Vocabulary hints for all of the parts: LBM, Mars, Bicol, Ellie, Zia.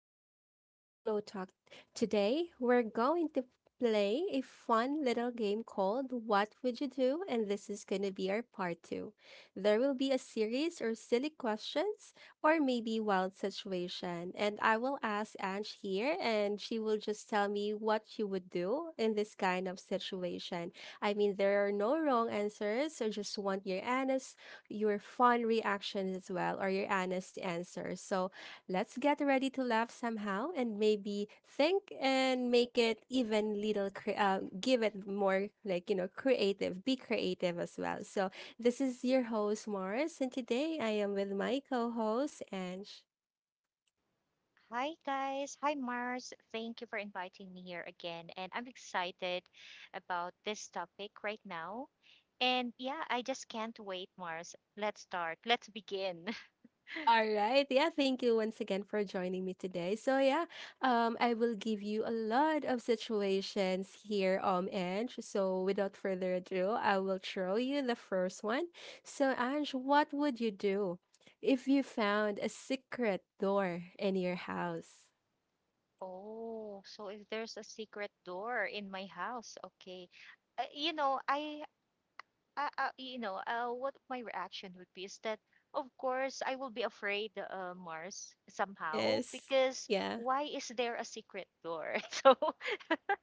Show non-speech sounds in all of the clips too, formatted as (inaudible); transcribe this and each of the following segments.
back to another Glow Talk. Today, we're going to play a fun little game called What Would You Do? And this is going to be our part two. There will be a series or silly questions or maybe wild situation. And I will ask Ange here, and she will just tell me what she would do in this kind of situation. I mean, there are no wrong answers, so just want your honest, your fun reactions as well, or your honest answers. So, let's get ready to laugh somehow and maybe think and make it even little, give it more like, you know, creative, be creative as well. So this is your host, Morris, and today I am with my co host, Ange. Hi, guys. Hi, Mars. Thank you for inviting me here again. And I'm excited about this topic right now. And yeah, I just can't wait, Mars. Let's start. Let's begin. (laughs) All right. Yeah, thank you once again for joining me today. So yeah, I will give you a lot of situations here Ange. So without further ado, I will throw you the first one. So Ange, what would you do if you found a secret door in your house? Oh, so if there's a secret door in my house, okay. You know, I what my reaction would be is that, of course, I will be afraid, Mars, somehow, Yes. because Yeah. why is there a secret door? (laughs) So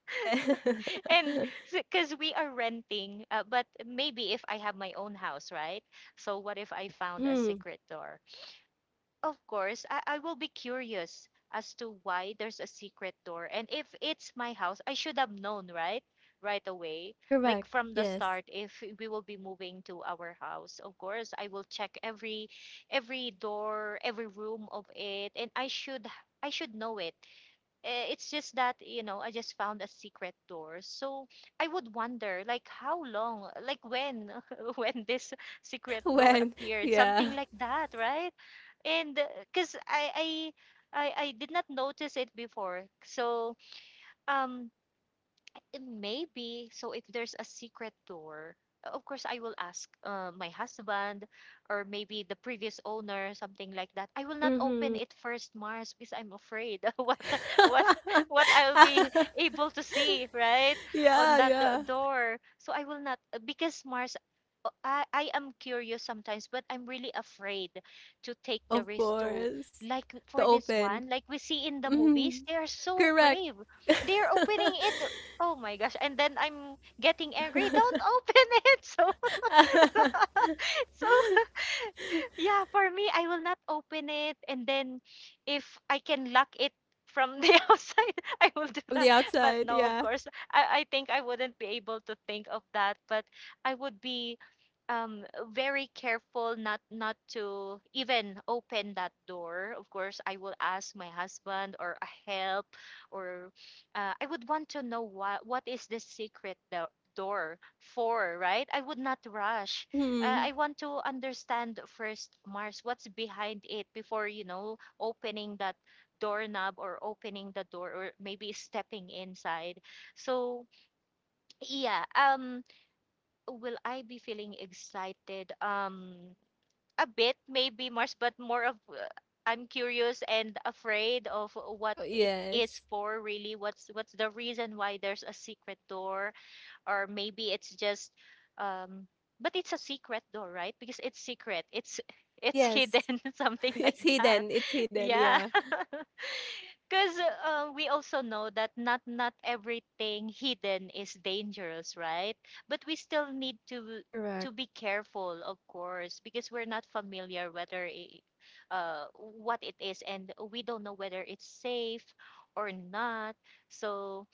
Yeah. (laughs) and because we are renting, but maybe if I have my own house, right? So what if I found a Mhm. secret door? Of course I will be curious as to why there's a secret door, and if it's my house I should have known, right? Right away, like Correct. from the Yes. start. If we will be moving to our house, of course I will check every door, every room of it, and I should know it. It's just that, you know, I just found a secret door. So I would wonder, like, how long, like, when, (laughs) when this (laughs) secret door When? appeared, something Yeah. like that, right? And because I did not notice it before. So, um, Maybe. So if there's a secret door, of course I will ask, my husband or maybe the previous owner, something like that. I will not open Mhm. it first, Mars, because I'm afraid (laughs) what what what I'll be (laughs) (laughs) able to see, right? On Yeah, that yeah. door. So I will not, because Mars, I am curious sometimes, but I'm really afraid to take the Of risk to, course. like The for this open. one, like we see in the movies, Mhm. they are so Correct. brave. They're opening it. Oh my gosh. And then I'm getting angry. Don't open it. (laughs) So (laughs) (laughs) so yeah, for me, I will not open it. And then if I can lock it from the (laughs) outside, I will do From the that. But outside, no, of yeah. course, I think I wouldn't be able to think of that. But I would be, um very careful, not to even open that door. Of course I will ask my husband or a help, or I would want to know what what is the secret door for, right? I would not rush. Mhm. I want to understand first, Mars, what's behind it before, you know, opening that doorknob or opening the door or maybe stepping inside. So yeah, will I be feeling excited? A bit, maybe, Mars, but more of, I'm curious and afraid of what Oh, it is yes. for, really. What's the reason why there's a secret door? Or maybe it's just, um, but it's a secret door, right? Because it's secret. It's (laughs) it's Yes. hidden, (laughs) something (laughs) like It's that. hidden. It's (laughs) hidden, Yeah. yeah. (laughs) Because, we also know that not everything hidden is dangerous, right? But we still need to Correct. be careful, of course, because we're not familiar what it is, and we don't know whether it's safe or not. So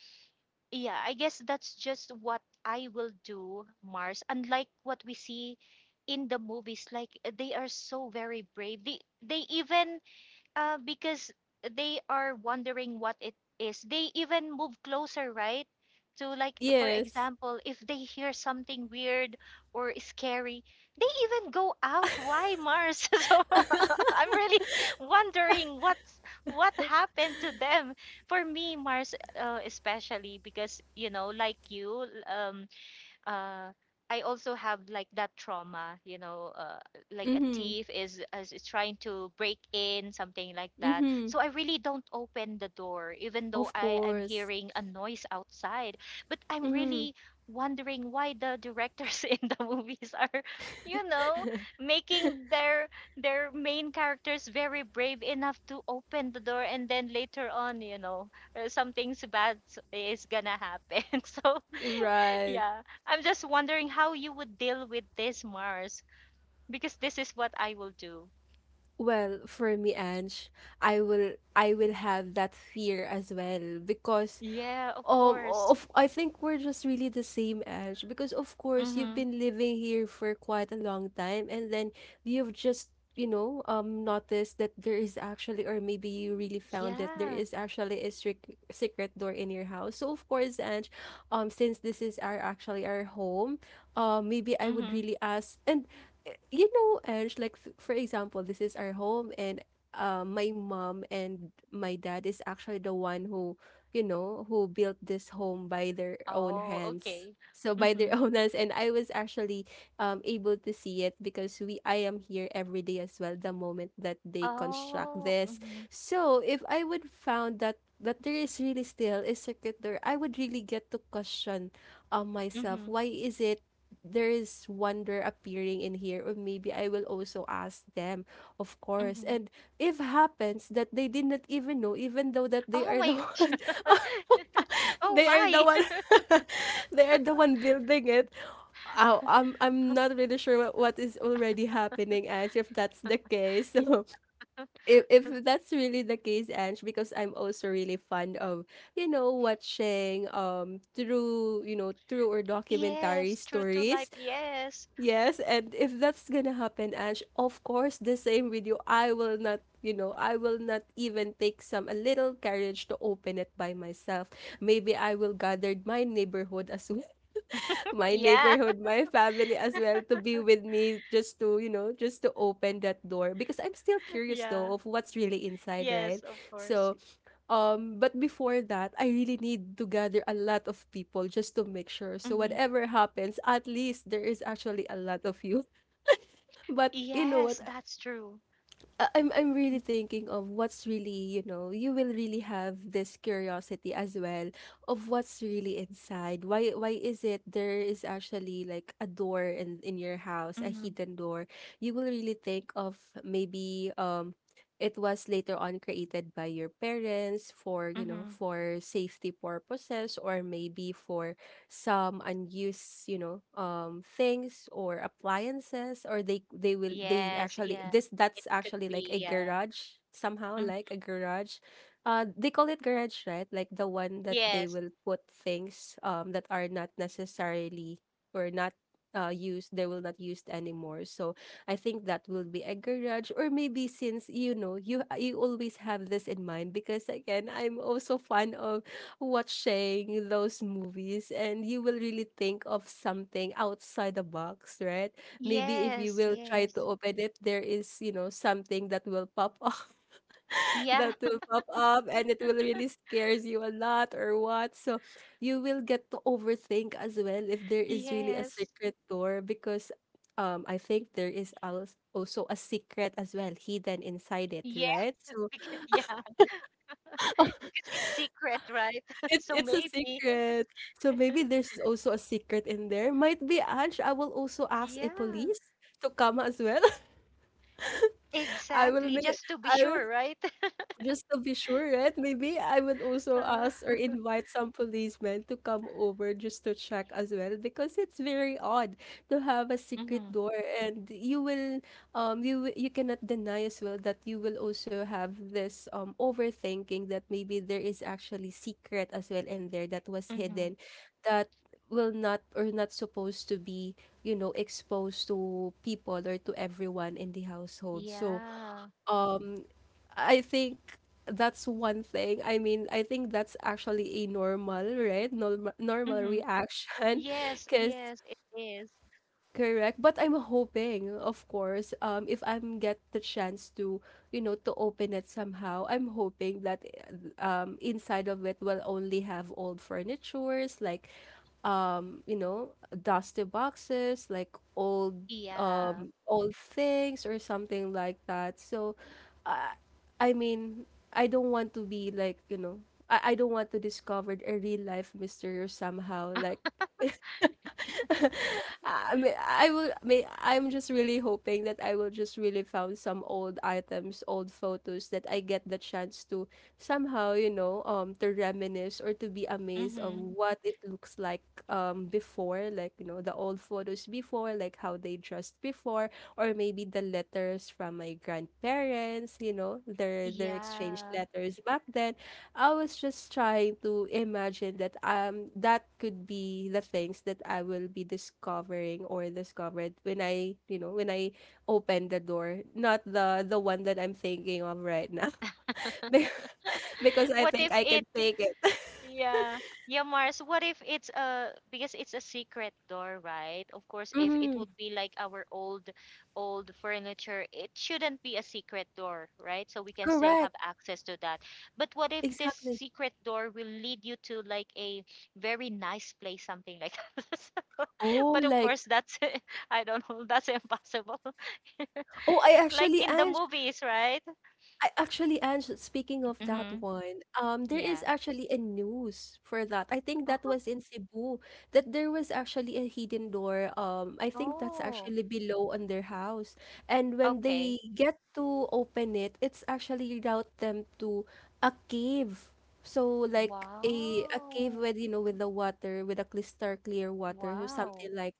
yeah, I guess that's just what I will do, Mars. Unlike what we see in the movies, like they are so very brave. They even, because they are wondering what it is. They even move closer, right? To, like, for Yes. example, if they hear something weird or scary, they even go out. Why, Mars? (laughs) So (laughs) I'm really wondering what happened to them. For me, Mars, especially because, you know, like you, uh, I also have like that trauma, you know, like a Mhm. thief is, is trying to break in, something like that. Mhm. So I really don't open the door, even though Of I am course. hearing a noise outside. But I'm Mhm. really wondering why the directors (laughs) in the movies are, you know, making their main characters very brave enough to open the door, and then later on, you know, something's is gonna happen. (laughs) So Right. yeah, I'm just wondering how you would deal with this, Mars, because this is what I will do. Well, for me, Ange, I will have that fear as well because Yeah, of um, course. of I think we're just really the same, Ange, because of course you've Mm-hmm. been living here for quite a long time, and then you've just you know noticed that there is actually, or maybe you really found that there Yeah. is actually a strict secret door in your house. So of course, Ange, since this is our actually our home, maybe I would Mm-hmm. really ask, and you know, Ange, like for example, this is our home, and my mom and my dad is actually the one who, you know, who built this home by their own Oh, hands. okay. So by their (laughs) Mm-hmm. own hands, and I was actually able to see it because we I am here every day as well. The moment that they construct Oh, this, mm-hmm. so if I would found that there is really still a circuit door, I would really get to question Mm-hmm. myself. Why is it there is wonder appearing in here? Or maybe I will also ask them, of course. Mm-hmm. And if happens that they did not even know, even though that they Oh are my the (laughs) gosh. one (laughs) (laughs) Oh they are the my. one (laughs) (laughs) they are the one building it. Oh, I'm not really sure what is already happening, Ange, if that's the case. (laughs) So Yeah. if that's really the case, Ange, because I'm also really fond of, you know, watching through, you know, true or documentary Yes, true to life. stories. Yes. Yes, and if that's gonna happen, Ange, of course, the same with you. I will not, you know, I will not even take some a little courage to open it by myself. Maybe I will gather my neighborhood as well, (laughs) (laughs) my Yeah. neighborhood, my family as well to be with me just to, you know, just to open that door because I'm still (laughs) curious Yeah. though of what's really inside, Yes, right? of course. So, but before that, I really need to gather a lot of people just to make sure. So Mm-hmm. whatever happens, at least there is actually a lot of you, but you know Yes, what? That's true. I'm really thinking of what's really, you know, you will really have this curiosity as well of what's really inside. Why is it there is actually like a door in your house, a Mm-hmm. hidden door. You will really think of maybe it was later on created by your parents for, you know, Mm-hmm. for safety purposes or maybe for some unused, you know, things or appliances, or they Yes, actually this, yeah. It that's could actually like be, a yeah. garage, somehow like a Mm-hmm. garage, they call it garage, right? Like the one that they Yes. will put things, that are not necessarily or not used, they will not used anymore. So I think that will be a garage, or maybe since, you know, you always have this in mind because again I'm also fond of watching those movies, and you will really think of something outside the box, right? Maybe if you Yes, will try to yes. open it, there is, you know, something that will pop up. (laughs) Yeah, That will pop up and it will really scares you a lot or what. So you will get to overthink as well if there (laughs) is really a yes. secret door because I think there is also a secret as well hidden inside it, right? Yes, (laughs) So because yeah, because it's secret, right? (laughs) it's So a maybe. (laughs) secret. So maybe there's also a secret in there. Might be Ange. I will also ask a Yeah. police to come as well. (laughs) I will Exactly, make just to be I will sure, right? (laughs) just to be sure, right? Maybe I would also Uh, ask or (laughs) invite some policemen to come over just to check as well because it's very odd to have a secret Mm-hmm. door and you will you you cannot deny as well that you will also have this overthinking that maybe there is actually secret as well in there that was Mm-hmm. hidden, that will not or not supposed to be, you know, exposed to people or to everyone in the household. So Yeah. um. I think that's one thing. I mean, I think that's actually a normal, right? Normal Mm-hmm. reaction (laughs) Yes, because yes, it is. correct. But I'm hoping, of course, if I'm get the chance to, you know, to open it somehow, I'm hoping that inside of it will only have old furnitures, like, you know, dusty boxes, like old, Yeah. Old things or something like that. So, uh, I mean, I don't want to be like, you know, I don't want to discover a real life mystery or somehow like (laughs) (laughs) I mean, I will. I mean, I'm just really hoping that I will just really found some old items, old photos that I get the chance to somehow, you know, to reminisce or to be amazed of Mm-hmm. what it looks like before, like, you know, the old photos before, like how they dressed before, or maybe the letters from my grandparents, you know, their exchange Yeah. letters back then. I was just trying to imagine that that could be the things that I will be discovering or discovered when I, you know, when I open the door, not the one that I'm thinking of right now. (laughs) Be- (laughs) because I What think if I can it? take it. (laughs) Yeah. Yeah, Mars, what if it's a, because it's a secret door, right? Of course, if it Mhm. would be like our old furniture, it shouldn't be a secret door, right? So we can still have Correct. access to that. But what if this Exactly. secret door will lead you to like a very nice place, something like (laughs) that? Oh, But of like, course, that's (laughs) I don't know, that's impossible. (laughs) oh, I Like actually in the movies, right? I actually, Ange, speaking of that Mm-hmm. one, there Yeah. is actually a news for that. I think Oh, that was in Cebu that there was actually a hidden door. I think that's oh. actually below on their house, and when Okay. they get to open it, it's actually route them to a cave. So like a cave Wow. with, you know, with the water, with a crystal clear water or Wow. something like,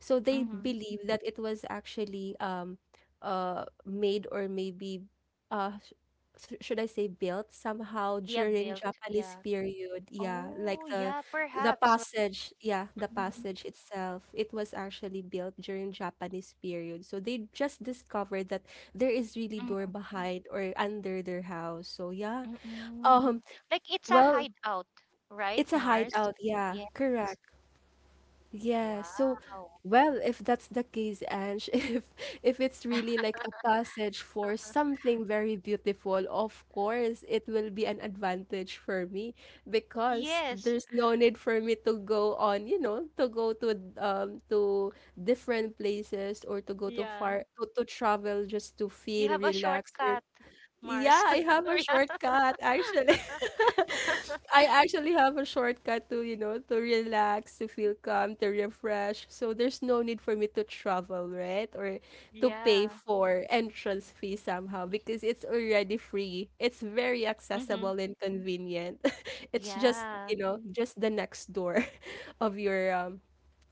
so they Mm-hmm. believe that it was actually made, or maybe uh sh should I say built somehow Yeah, during built. Japanese Yeah. period. Yeah, like Oh, yeah, the perhaps, right? passage, yeah, the Mm-hmm. passage itself. It was actually built during Japanese period. So they just discovered that there is really door Mm-hmm. behind or under their house. So yeah. Um, Mm-mm. Like it's a well, hideout, right, it's a Mars? hideout. Yeah, Yes. correct. Yeah, so Wow. well, if that's the case, Ange, (laughs) if it's really like a (laughs) passage for something very beautiful, of course it will be an advantage for me because Yes. there's no need for me to go on, you know, to go to different places or to go to Yeah. far to travel just to You feel have a relaxed or shortcut, yeah, Mars. I have a (laughs) Yeah. shortcut actually. (laughs) (laughs) I actually have a shortcut to, you know, to relax, to feel calm, to refresh. So there's no need for me to travel, right? Or to pay Yeah. for entrance fee somehow because it's already free. It's very Mm-hmm. accessible and convenient. (laughs) It's just, Yeah. you know, just the next door (laughs) of your um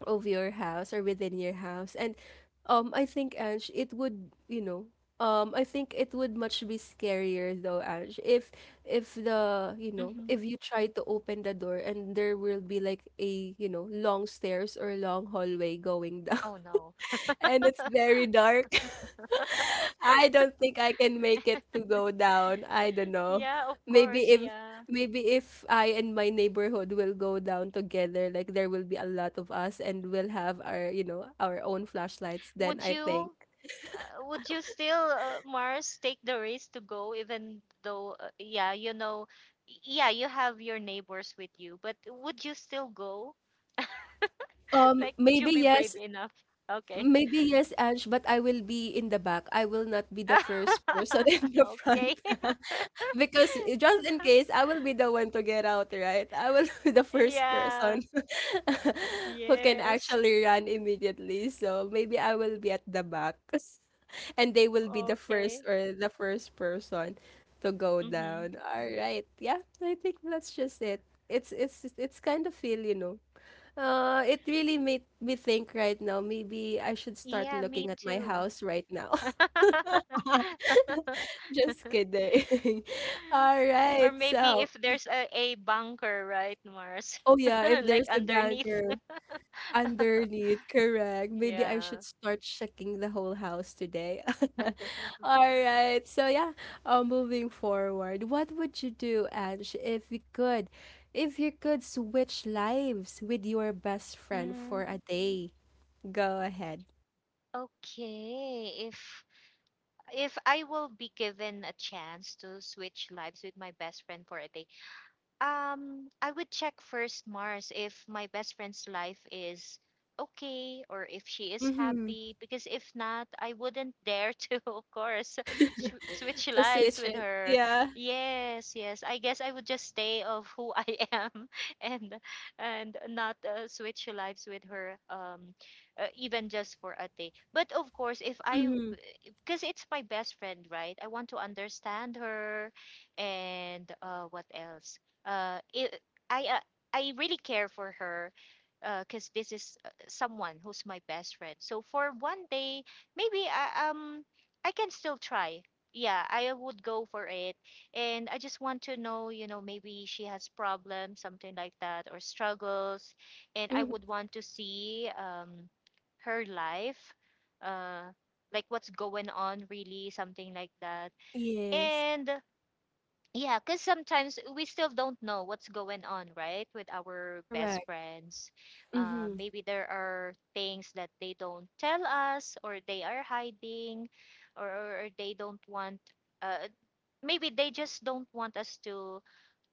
of your house or within your house. And I think Ange, it would, you know, I think it would much be scarier though, Ange, if the, you know, Mm-hmm. if you try to open the door and there will be like a, you know, long stairs or long hallway going down, Oh no. (laughs) and it's very dark. I don't think I can make it (laughs) to go down. I don't know. Yeah, of Maybe course, if yeah. maybe if I and my neighborhood will go down together, like there will be a lot of us and we'll have our, you know, our own flashlights, then Would I think. you? Would you still, Mars, take the risk to go, even though, yeah, you know, yeah, you have your neighbors with you, but would you still go? (laughs) Um, Like, would you maybe be brave yes, enough? Okay. Maybe yes, Ange, but I will be in the back. I will not be the first person (laughs) (laughs) in the Okay. front. (laughs) Because just in case, (laughs) I will be the one to get out, right? I will (laughs) be the first person Yeah. (laughs) who can Yes. actually run immediately. So maybe I will be at the back. (laughs) And they will be Okay. The first person to go Mm-hmm. down. All right. Yeah, I think that's just it. It's kind of feel. It really made me think right now. Maybe I should start Yeah, looking me at my too. house right now. (laughs) (laughs) Just kidding. (laughs) All right. Or maybe So, if there's a bunker, right, Mars? oh (laughs) yeah, if Like there's a underneath. banker underneath, correct. Maybe I Yeah. should start checking the whole house today. (laughs) All right. So yeah, moving forward, what would you do, Ange, if you could switch lives with your best friend for Mm, a day? Go ahead. okay. If I will be given a chance to switch lives with my best friend for a day, I would check first, Mars, if my best friend's life is okay or if she is happy. Because if not, I wouldn't dare to, (laughs) of course, sh switch (laughs) To lives switch with it. her. Yeah. Yes, yes. I guess I would just stay of who I (laughs) am and and not, switch lives with her, even just for a day. But of course, if I, Mhm. because it's my best friend, right? I want to understand her, and, what else? It, I I really care for her because this is, someone who's my best friend. So for one day maybe I can still try. Yeah, I would go for it. And I just want to know, you know, maybe she has problems, something like that, or struggles. And I Mhm. would want to see, her life, uh like what's going on really, something like that. Yes. And yeah, because sometimes we still don't know what's going on, right? With our best Correct. friends. Mhm. Maybe there are things that they don't tell us, or they are hiding, or they don't want, uh, maybe they just don't want us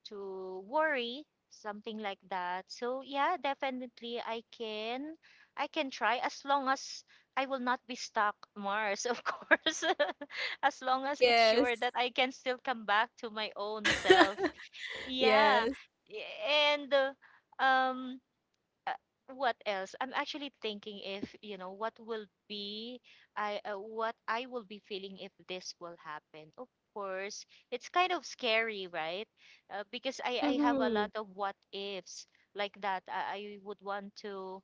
to worry, something like that. So yeah, definitely I can try as long as I will not be stuck, Mars, of (laughs) course, (laughs) as long as it's Yes. sure that I can still come back to my own self. (laughs) Yeah. Yes. And, um uh, what else? I'm actually thinking if, you know, what will be I what I will be feeling if this will happen. Of course, it's kind of scary, right? Because I have a Mhm. lot of what ifs like that. I would want to,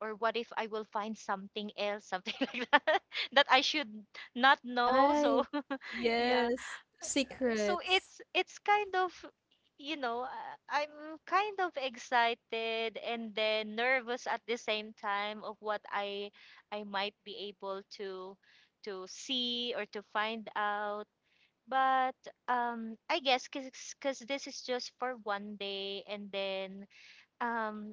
or what if I will find something else, something (laughs) like that that I should not know. So, Right. (laughs) yeah, Yes. so Secrets. It's kind of, you know, I'm kind of excited and then nervous at the same time of what I might be able to see or to find out. But I guess because cause this is just for one day, and then um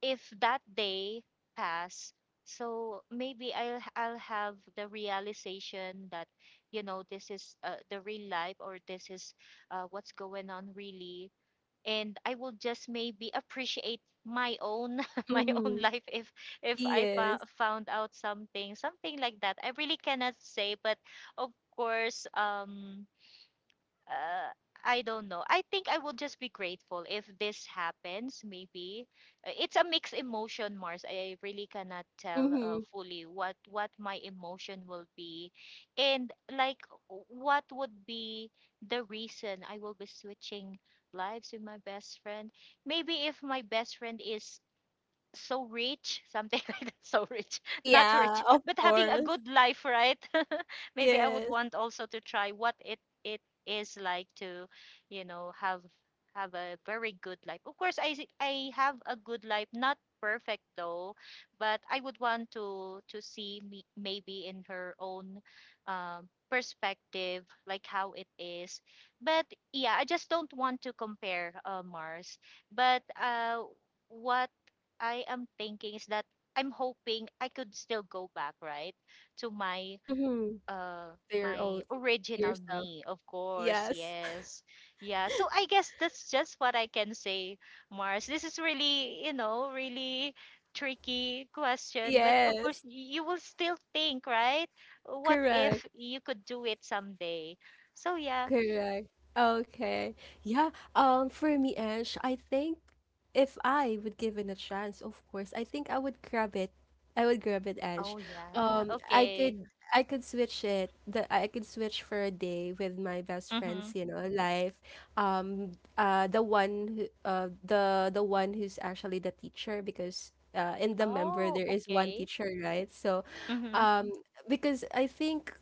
if that day pass, so maybe I'll have the realization that, you know, this is, the real life, or this is, what's going on really. And I will just maybe appreciate my own (laughs) my own Mhm. life if Yes. found out something, something like that. I really cannot say, but of course, uh, I don't know. I think I would just be grateful if this happens, maybe. It's a mixed emotion, Mars. I really cannot tell, Mhm. fully what my emotion will be and like what would be the reason I will be switching lives with my best friend. Maybe if my best friend is so rich, something (laughs) like that, so rich, not Yeah, rich, of but having a course. good life, right? Maybe I would Yes. want also to try what it is like to, you know, have a very good life. Of course, I have a good life, not perfect though, but I would want to see me maybe in her own perspective like how it is. But yeah, I just don't want to compare, Mars, but what I am thinking is that I'm hoping I could still go back, right, to Mhm. They're my all original yourself. me, of course. Yes. (laughs) Yes. Yeah, so I guess that's just what I can say, Mars. This is really, really tricky question, but of course, Yes. You will still think, right, what Correct. if you could do it someday? So yeah. Correct. Okay. Yeah. For me, Ange, I think if I would give it a chance, of course, I think I would grab it. I would grab it, Ange. Oh, yeah. I Okay. could switch it. The I could switch for a day with my best Mm-hmm. friends, you know, life. The one who, the one who's actually the teacher, because in the member Oh, there is one okay. teacher, right? So, Mm-hmm. um, because I think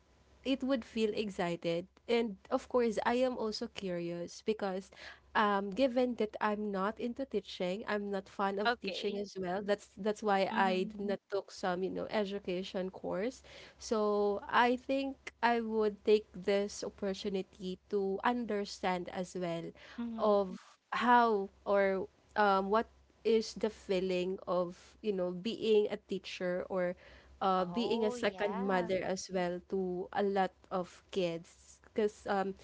it would feel excited. And of course, I am also curious because given that I'm not into teaching, I'm not fond of teaching Okay. as well. That's why I Mm-hmm. did not took some education course. So I think I would take this opportunity to understand as well Mm-hmm. of how or what is the feeling of being a teacher, or being a Oh, second yeah. mother as well to a lot of kids. Because um,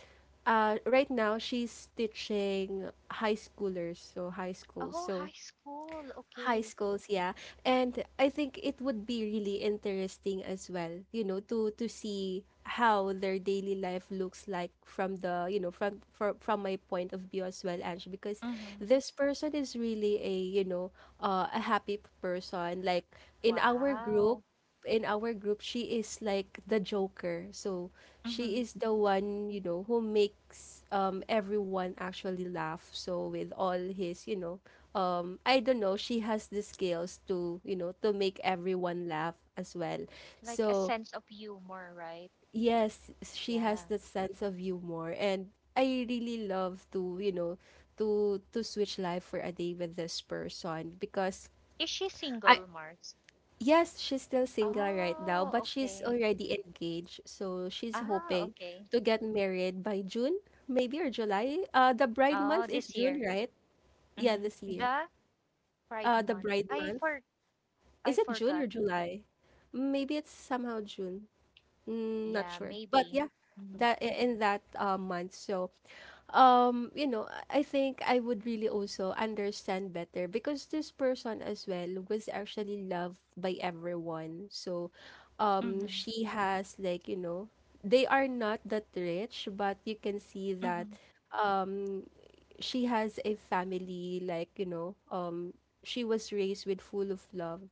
uh, right now she's teaching high schoolers, so high school. Oh, So high school. high Okay. schools, yeah. And I think it would be really interesting as well, to see how their daily life looks like from the you know from my point of view as well, Ange, because Mm-hmm. this person is really a you know a happy person, like in our group Wow. in our group she is like the joker. So Hmm. she is the one who makes everyone actually laugh. So, with all his. I don't know, she has the skills to make everyone laugh as well. Like a So, sense of humor, right? yes, she has Yeah. that sense of humor, and I really love to, you know, to switch life for a day with this person, because Is she I, single, Mars? yes, she's still single right now, Oh, but she's okay. already engaged. So, she's Ah, hoping okay. to get married by June, maybe, or July. The bride Oh, month is this June, year. right? Yeah, Hmm. this year. The Pride The Month. bride month. I Is it forgot. June or July? Maybe it's somehow June. Not Yeah, sure. But maybe. yeah, Mhm. In that month. So, I think I would really also understand better, because this person as well was actually loved by everyone. So, Hmm. she has, like, they are not that rich, but you can see that Hmm. um she has a family, like, she was raised with full of love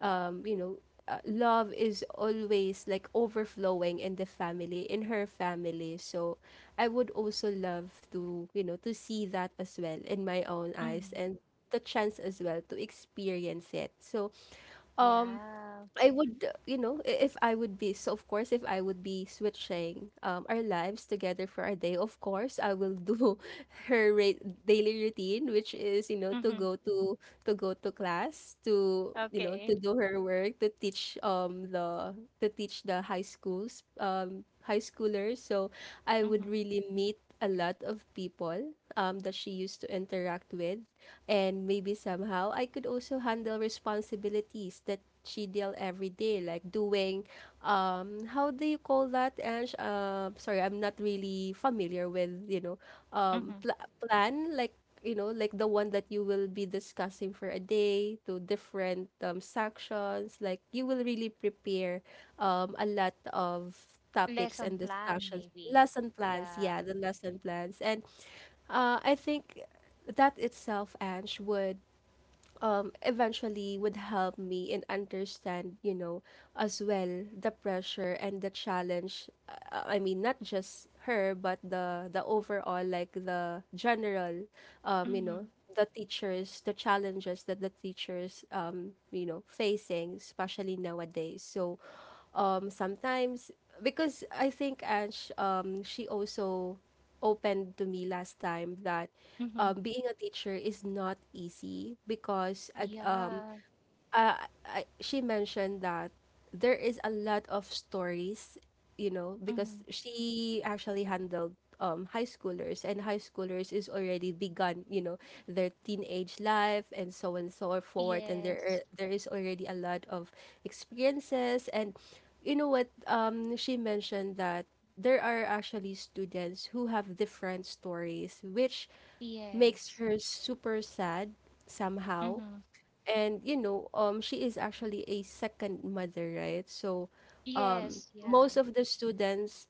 um, you know, uh, love is always like overflowing in the family, in her family. So I would also love to, see that as well in my own eyes, Hmm. and the chance as well to experience it. So, um, Yeah. I would, if I would be, so of course, if I would be switching our lives together for a day, of course, I will do (laughs) her daily routine, which is, you know, Hmm. To go to class, to Okay. do her work, to teach the high schoolers. So I would Hmm. really meet a lot of people that she used to interact with. And maybe somehow I could also handle responsibilities that she deal every day, like doing, how do you call that, Ange? Sorry, I'm not really familiar with, you know, Hmm. Pl plan, like the one that you will be discussing for a day to different sections. Like, you will really prepare a lot of topics Lesson and plan, discussions. maybe. Lesson plans, Yeah. yeah, the lesson plans. And I think that itself, Ange, would eventually would help me in understand as well the pressure and the challenge. I mean, not just her, but the overall, like the general, um, you Hmm. know, the teachers, the challenges that the teachers, facing, especially nowadays. So, sometimes, because I think, Ange, she also opened to me last time that Hmm. Being a teacher is not easy, because Yeah. uh, she mentioned that there is a lot of stories, Hmm. because she actually handled high schoolers, and high schoolers is already begun, their teenage life, and so forth, and Yes. There is already a lot of experiences, and you know what? She mentioned that there are actually students who have different stories, which Yes. makes her super sad somehow. Mm-hmm. And you know, she is actually a second mother, right? So Yes, yeah. most of the students,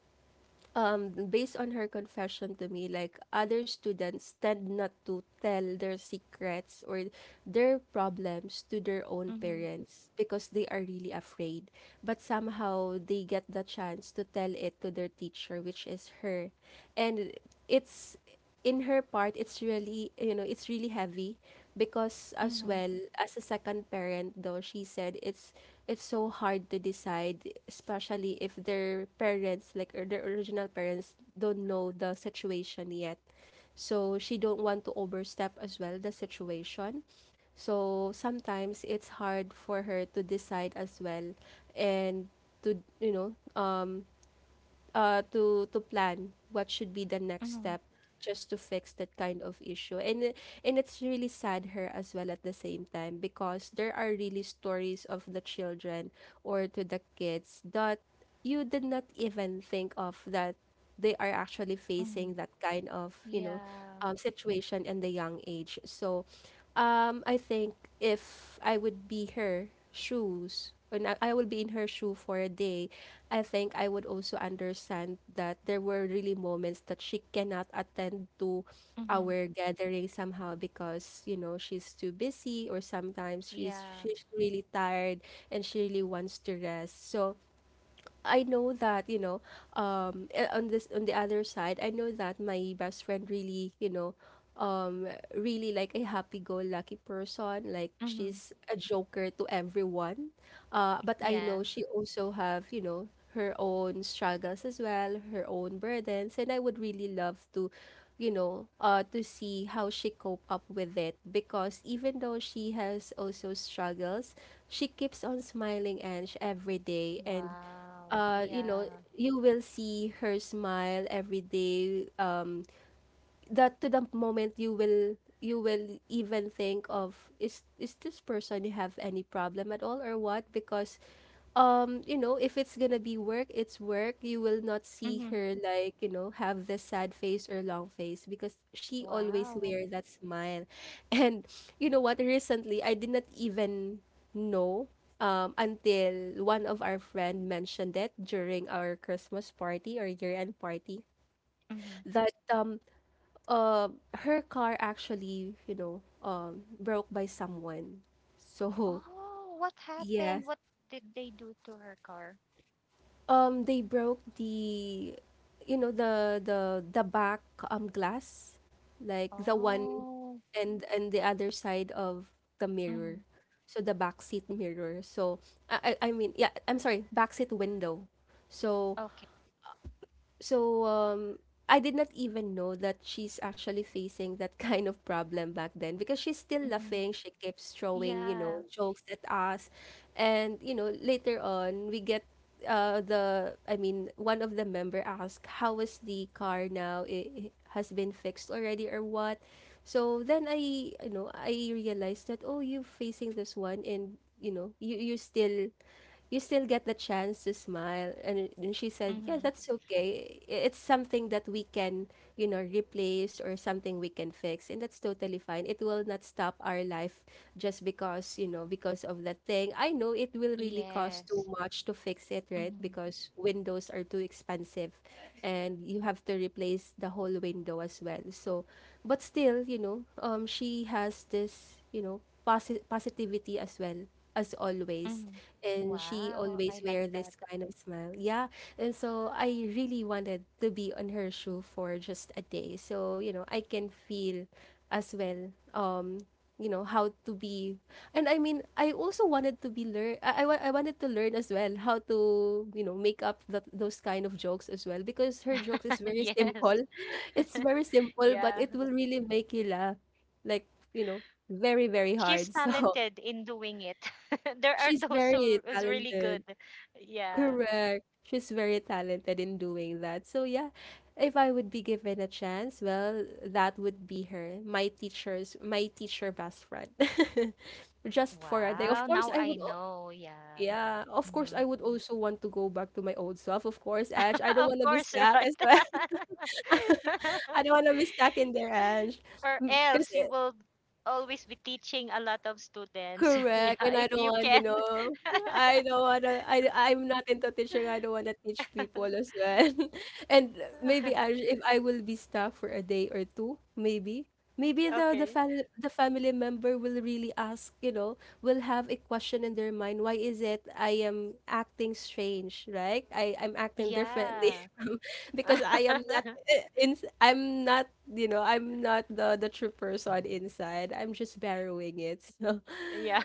based on her confession to me, like other students tend not to tell their secrets or their problems to their own Mm-hmm. parents, because they are really afraid. But somehow, they get the chance to tell it to their teacher, which is her. And it's, in her part, it's really, it's really heavy, because, as Mm-hmm. well, as a second parent, though, she said it's so hard to decide, especially if their parents, like, or their original parents, don't know the situation yet. So she don't want to overstep as well the situation. So sometimes it's hard for her to decide as well, and to um plan what should be the next Mm-hmm. step just to fix that kind of issue, and it's really sad her as well at the same time, because there are really stories of the children or to the kids that you did not even think of, that they are actually Mm-hmm. facing that kind of, Yeah. Situation in the young age. So, I think if I would be her shoes, and I will be in her shoe for a day, I think I would also understand that there were really moments that she cannot attend to Mm-hmm. our gathering somehow, because you know she's too busy, or sometimes she's Yeah. she's really tired and she really wants to rest. So I know that, you know, on the other side, I know that my best friend really, um really like a happy-go-lucky person, like Mm-hmm. she's a joker to everyone, but I Yeah. know she also have her own struggles as well, her own burdens, and I would really love to, see how she cope up with it, because even though she has also struggles, she keeps on smiling and every day, and, Wow. uh, you know, Yeah. you will see her smile every day. That to the moment you will, even think of, is this person, you have any problem at all or what? Because if it's gonna be work, it's work. You will not see Mm-hmm. her, like, have the sad face or long face, because she always Wow. wear that smile. (laughs) And you know what, recently I did not even know until one of our friend mentioned it during our Christmas party or year end party, Mm-hmm. that uh, her car actually, broke by someone. So, Oh, what yes, happened? What did they do to her car? They broke the, you know, the back glass, like the one, Oh. and the other side of the mirror, Mm-hmm. so the back seat mirror. So I mean, yeah, I'm sorry, back seat window. So Okay. So, I did not even know that she's actually facing that (laughs) kind of problem back then, because she's still Mm-hmm. laughing. She keeps throwing, you Yeah. know, jokes at us. And, later on, we get, I mean, one of the member asked, how is the car now? It has been fixed already, or what? So then I realized that, oh, you're facing this one, and, you still get the chance to smile. And she said, yeah, Mm-hmm. that's okay. It's something that we can, replace or something we can fix, and that's totally fine. It will not stop our life just because you know because of that thing. I know it will really cost too Yes. much to fix it, right? Mm-hmm. Because windows are too expensive and you have to replace the whole window as well. So, but still, she has this positivity as well. As always, Mm-hmm. and she Wow. I always like wear that. this kind of smile. Yeah, and so I really wanted to be on her shoe for just a day, so I can feel as well, how to be. And I mean, I also wanted to be learn. I wanted to learn as well how to make up that those kind of jokes as well because her jokes is (laughs) very Yes. simple. (laughs) It's very simple, but Yeah. it will really make you laugh, like you know, very, very She's hard. (laughs) So talented in doing it. (laughs) There are she's those who very is really talented. good. Yeah. Correct. She's very talented in doing that. So yeah, if I would be given a chance, well, that would be her, my teacher best friend. (laughs) Just for a day. Of Wow. course, Now I I would know. Yeah. yeah, of course, Hmm. I would also want to go back to my old self, of course, Ash, I (laughs) don't Of want to be course, stuck right? as well. (laughs) (laughs) I don't want to be stuck in there, Ash. Or Because else you will always be teaching a lot of students. (laughs) Correct, Yeah, and I if don't you want, you can. know, I don't wanna I'm not into teaching, I don't wanna teach people as well. (laughs) And maybe I (laughs) if I will be stuck for a day or two, maybe. Maybe Okay. The family member will really ask, you know, will have a question in their mind, why is it I am acting strange, right? I'm acting differently Yeah. (laughs) Because I am not (laughs) eh, ins I'm not, I'm not the true person inside. I'm just borrowing it. (laughs) So Yeah.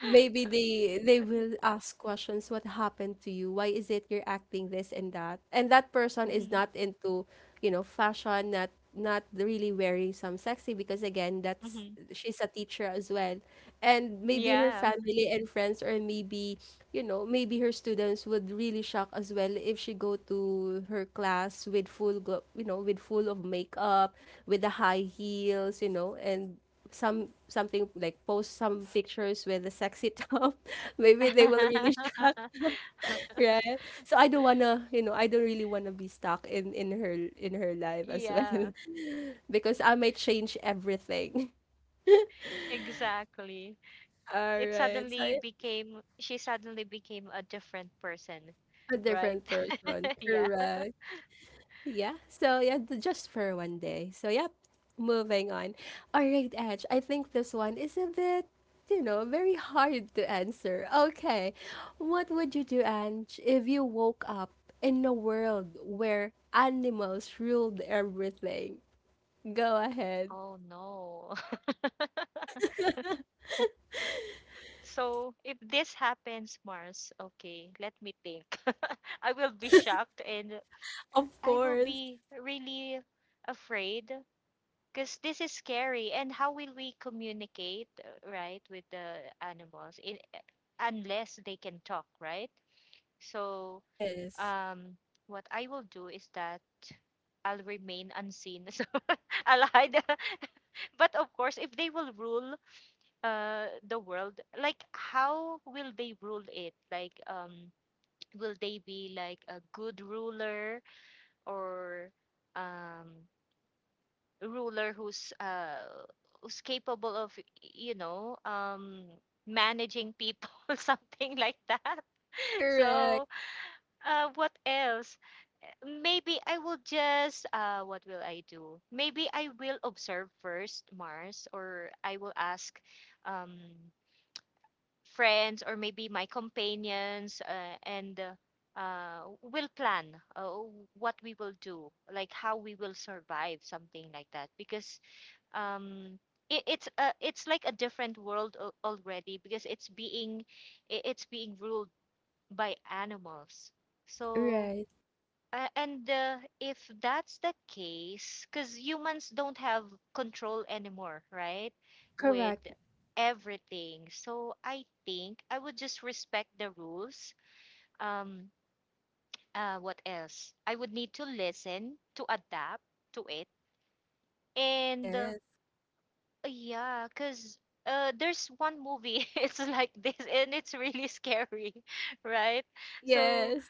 maybe they will ask questions, what happened to you, why is it you're acting this and that, and that person is Hmm. not into fashion, not really wearing some sexy, because again, that's Hmm. she's a teacher as well. And maybe her Yeah. family and friends, or maybe maybe her students would really shock as well if she go to her class with full glo- you know with full of makeup, with the high heels, you know, and something like post some pictures with the sexy top. (laughs) Maybe they will really shock. (laughs) (laughs) Right, so I don't wanna, I don't really wanna be stuck in her life as Yeah, well. (laughs) Because I might change everything. exactly. (laughs) All right, so yeah, She suddenly became a different person, a right? different person, (laughs) Yeah. correct. Yeah. So yeah, just for one day. So yep. Moving on. All right, Edge. I think this one is a bit, you know, very hard to answer. Okay. What would you do, Ange, if you woke up in a world where animals ruled everything? Go ahead. Oh no. (laughs) So if this happens, Mars, okay, let me think. (laughs) I will be shocked, and Of I will course. be really afraid, because this is scary. And how will we communicate, right, with the animals, in, unless they can talk, right? So, Yes. um, what I will do is that I'll remain unseen. (laughs) So I'll hide. (laughs) But of course, if they will rule the world, like how will they rule it? Like will they be like a good ruler, or um ruler who's, who's capable of you know um managing people, (laughs) something like that. (laughs) So, Correct. What else? Maybe I will just What will I do? Maybe I will observe first, Mars, or I will ask um friends or maybe my companions, and will plan, what we will do, like how we will survive something like that, because um it's like a different world already, because it's being it's being ruled by animals. So, Right. And if that's the case, because humans don't have control anymore, right? With Correct. everything. So I think I would just respect the rules. Um, what else? I would need to listen, to adapt to it. And Yes. yeah, because there's one movie, (laughs) it's like this, and it's really scary, (laughs) right? So. Yes.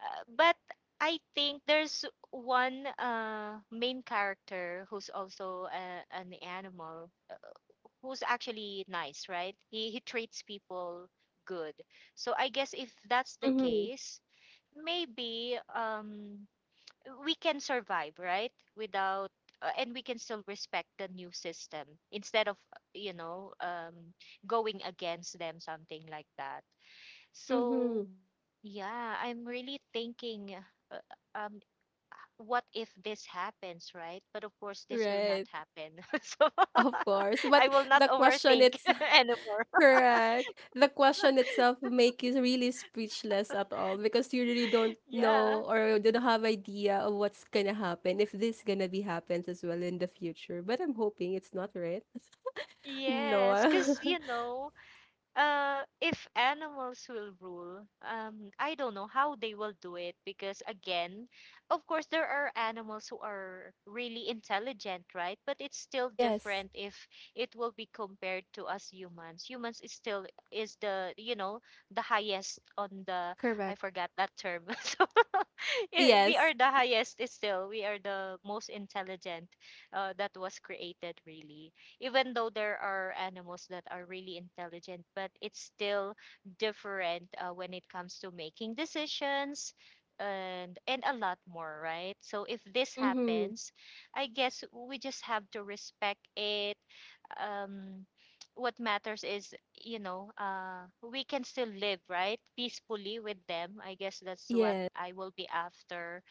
Uh, but I think there's one main character who's also an animal who's actually nice, right? He treats people good. So I guess if that's the Mm-hmm. case, maybe we can survive, right? Without, and we can still respect the new system instead of, you know um, going against them, something like that. Mm-hmm. So yeah, I'm really thinking. uh, um what if this happens, right? But of course, this will not Right. happen. (laughs) So Of course. (laughs) But I will not the question overthink it's (laughs) anymore. Correct. The question itself make you really speechless at all, because you really don't (laughs) Yeah. know or don't have idea of what's gonna happen if this gonna be happens as well in the future. But I'm hoping it's not, right? (laughs) Yes, because, Noah. If animals will rule, I don't know how they will do it, because, again, of course, there are animals who are really intelligent, right? But it's still (laughs) Yes. different if it will be compared to us humans. Humans is still is the highest on the, I Correct. forgot that term. (laughs) So we Yes. are the highest, is still, we are the most intelligent, that was created, really, even though there are animals that are really intelligent, but it's still different when it comes to making decisions, and a lot more, right? So if this Mm-hmm. happens, I guess we just have to respect it. Um, what matters is, you know, we can still live, right? Peacefully with them. I guess that's what Yes. I will be after,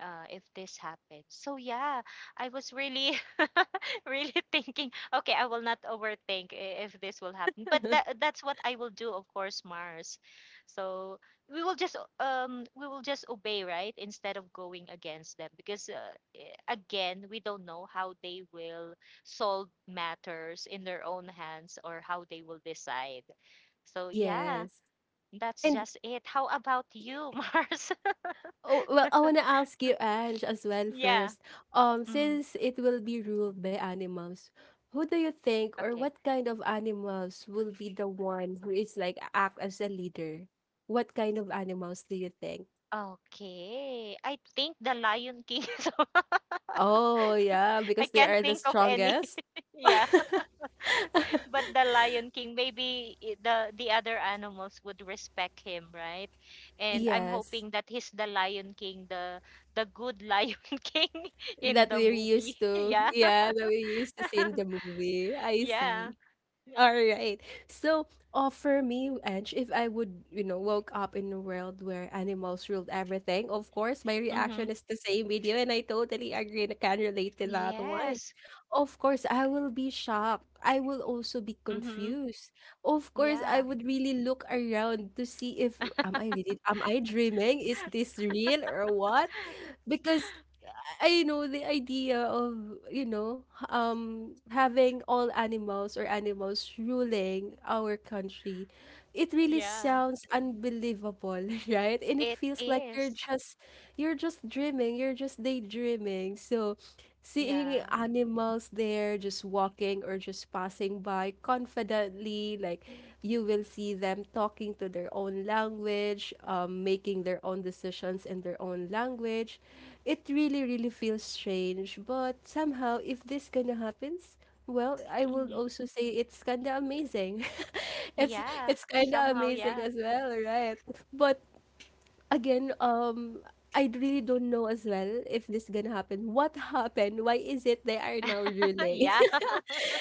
if this happens. So yeah, I was really, (laughs) really thinking. Okay, I will not overthink, if this will happen. But that (laughs) that's what I will do, of course, Mars. So we will just we will just obey, right? Instead of going against them, because again, we don't know how they will solve matters in their own hands or how they will decide. So yeah, Yes. that's And just it. How about you, (laughs) Mars? Oh, well, I wanna ask you, Ange, as well Yeah. first. Mm, Since it will be ruled by animals, who do you think, or okay. what kind of animals will be the one who is like act as a leader? What kind of animals do you think? Okay. I think the Lion King is. (laughs) Oh, yeah, I because they can't are the think of any. strongest. (laughs) Yeah, but the Lion King, maybe the other animals would respect him, right? And I'm Yes, hoping that he's the Lion King, the good Lion (laughs) King in that the we're movie. used (laughs) to. Yeah. Yeah, that we're used to see in the (laughs) movie. I Yeah. see. (laughs) All right. So, for me, Edge, if I would, you know, woke up in a world where animals ruled everything, of course, my Mm-hmm. reaction is the same with you, and I totally agree and I can relate to that one. Yes. Of course, I will be shocked. I will also be Mm-hmm. confused. Of course, I Yeah. would really look around to see if am I really, (laughs) am I dreaming? Is this real or what? Because I know the idea of, you know, having all animals or animals ruling our country. It really Yeah. sounds unbelievable, (laughs) right? And it It feels like is. You're just dreaming, you're just daydreaming. So, seeing Yeah. animals there just walking or just passing by confidently, like you will see them talking to their own language, making their own decisions in their own language. It really, really feels strange, but somehow, if this kind of happens, well, I will Mm-hmm. also say it's kind of amazing. (laughs) it's Yeah. it's kind of Somehow, amazing yeah. as well, right? But again, I really don't know as well if this gonna happen. What happened? Why is it they are now (laughs) ruling? Yeah.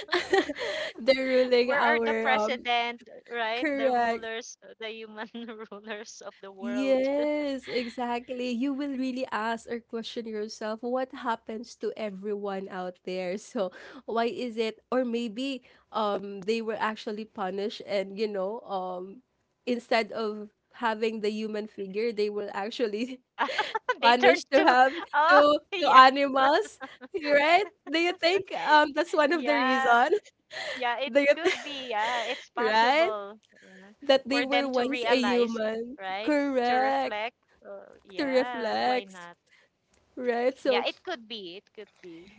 (laughs) (laughs) They're ruling Where are the our president, right? The correct. rulers, the human (laughs) rulers of the world. Yes, exactly. You will really ask or question yourself what happens to everyone out there. (laughs) So why is it, or maybe they were actually punished, and instead of having the human figure, they will actually (laughs) They turn punish to to. have Oh. to (laughs) to Yeah. animals, right? Do you think that's one of the Yeah, reason? yeah, (laughs) it Do you think could be. Yeah, it's (laughs) right, possible, that they for were them to once a realize, human? right, to Correct, reflect, to yeah, why reflect, not? right? Yeah, So it could be. It could be,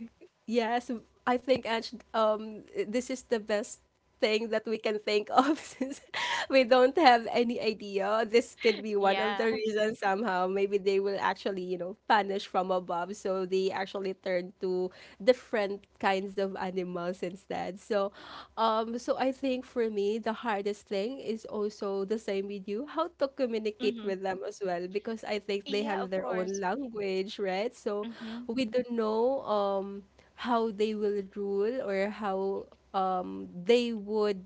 yes, I think, Ange, this is the best thing that we can think of, (laughs) since (laughs) we don't have any idea. This could be one of yeah. the (laughs) reasons somehow. Maybe they will actually, punish from above. So they actually turn to different kinds of animals instead. So I think, for me, the hardest thing is also the same with you, how to communicate Mm-hmm. with them as well. Because I think they Yeah, have of their own course. language, right? So Mm-hmm. we don't know how they will rule, or how they would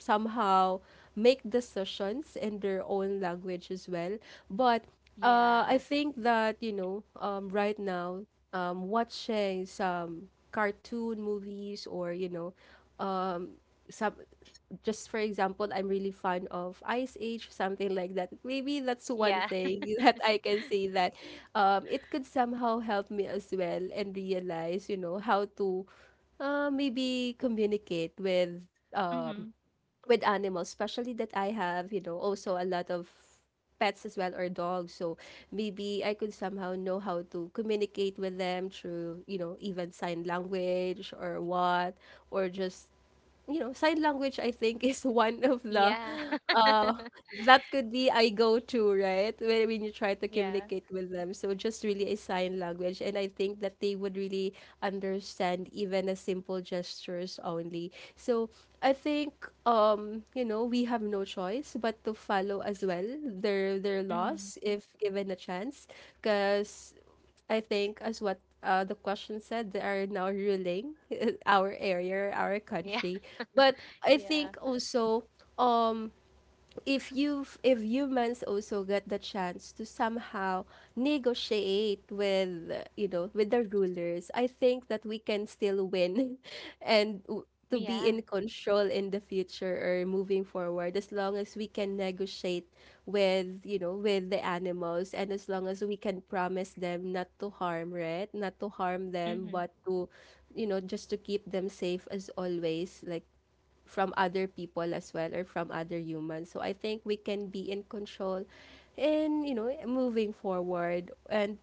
somehow make decisions in their own language as well. But Yeah. I think that, right now, watching some cartoon movies, or, you know, um, some just for example, I'm really fond of Ice Age, something like that, maybe that's one Yeah. thing (laughs) that I can say that, it could somehow help me as well and realize, you know, how to, maybe communicate with, (laughs) um, Mm-hmm. with animals, especially that I have, you know, also a lot of pets as well or dogs. So maybe I could somehow know how to communicate with them through, you know, even sign language or what, or just, you know, sign language, I think, (laughs) is one of the Yeah. uh that could be I go to, right? When you try to (laughs) Yeah. communicate with them. So just really a sign language. And I think that they would really understand even a simple gestures only. So I think, you know, we have no choice but to follow as well their Mm-hmm. laws if given a chance. Because I think, as what the question said, they are now ruling (laughs) our area, our Yeah. country. But I Yeah. think also, um, if you if humans also get the chance to somehow negotiate with, you know, with the rulers, I think that we can still win (laughs) and w- to be Yeah. in control in the future or moving forward, as long as we can negotiate with, you know, with the animals, and as long as we can promise them not to harm, right, not to harm them, Mm-hmm. but to, you know, just to keep them safe as always, like from other people as well, or from other humans. So I think we can be in control and, you know, moving forward, and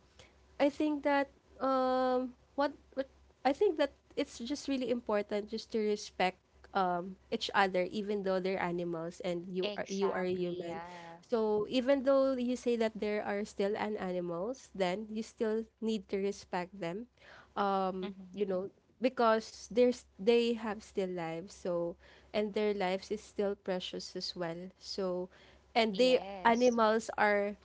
I think that, what I think, that it's just really important just to respect, each other, even though they're animals and you are a Exactly. human. Yeah. So even though you say that there are still an animals, then you still need to respect them, um Mm-hmm. you know because there's they have still lives, so, and their lives is still precious as well, so, and they, Yes. animals are,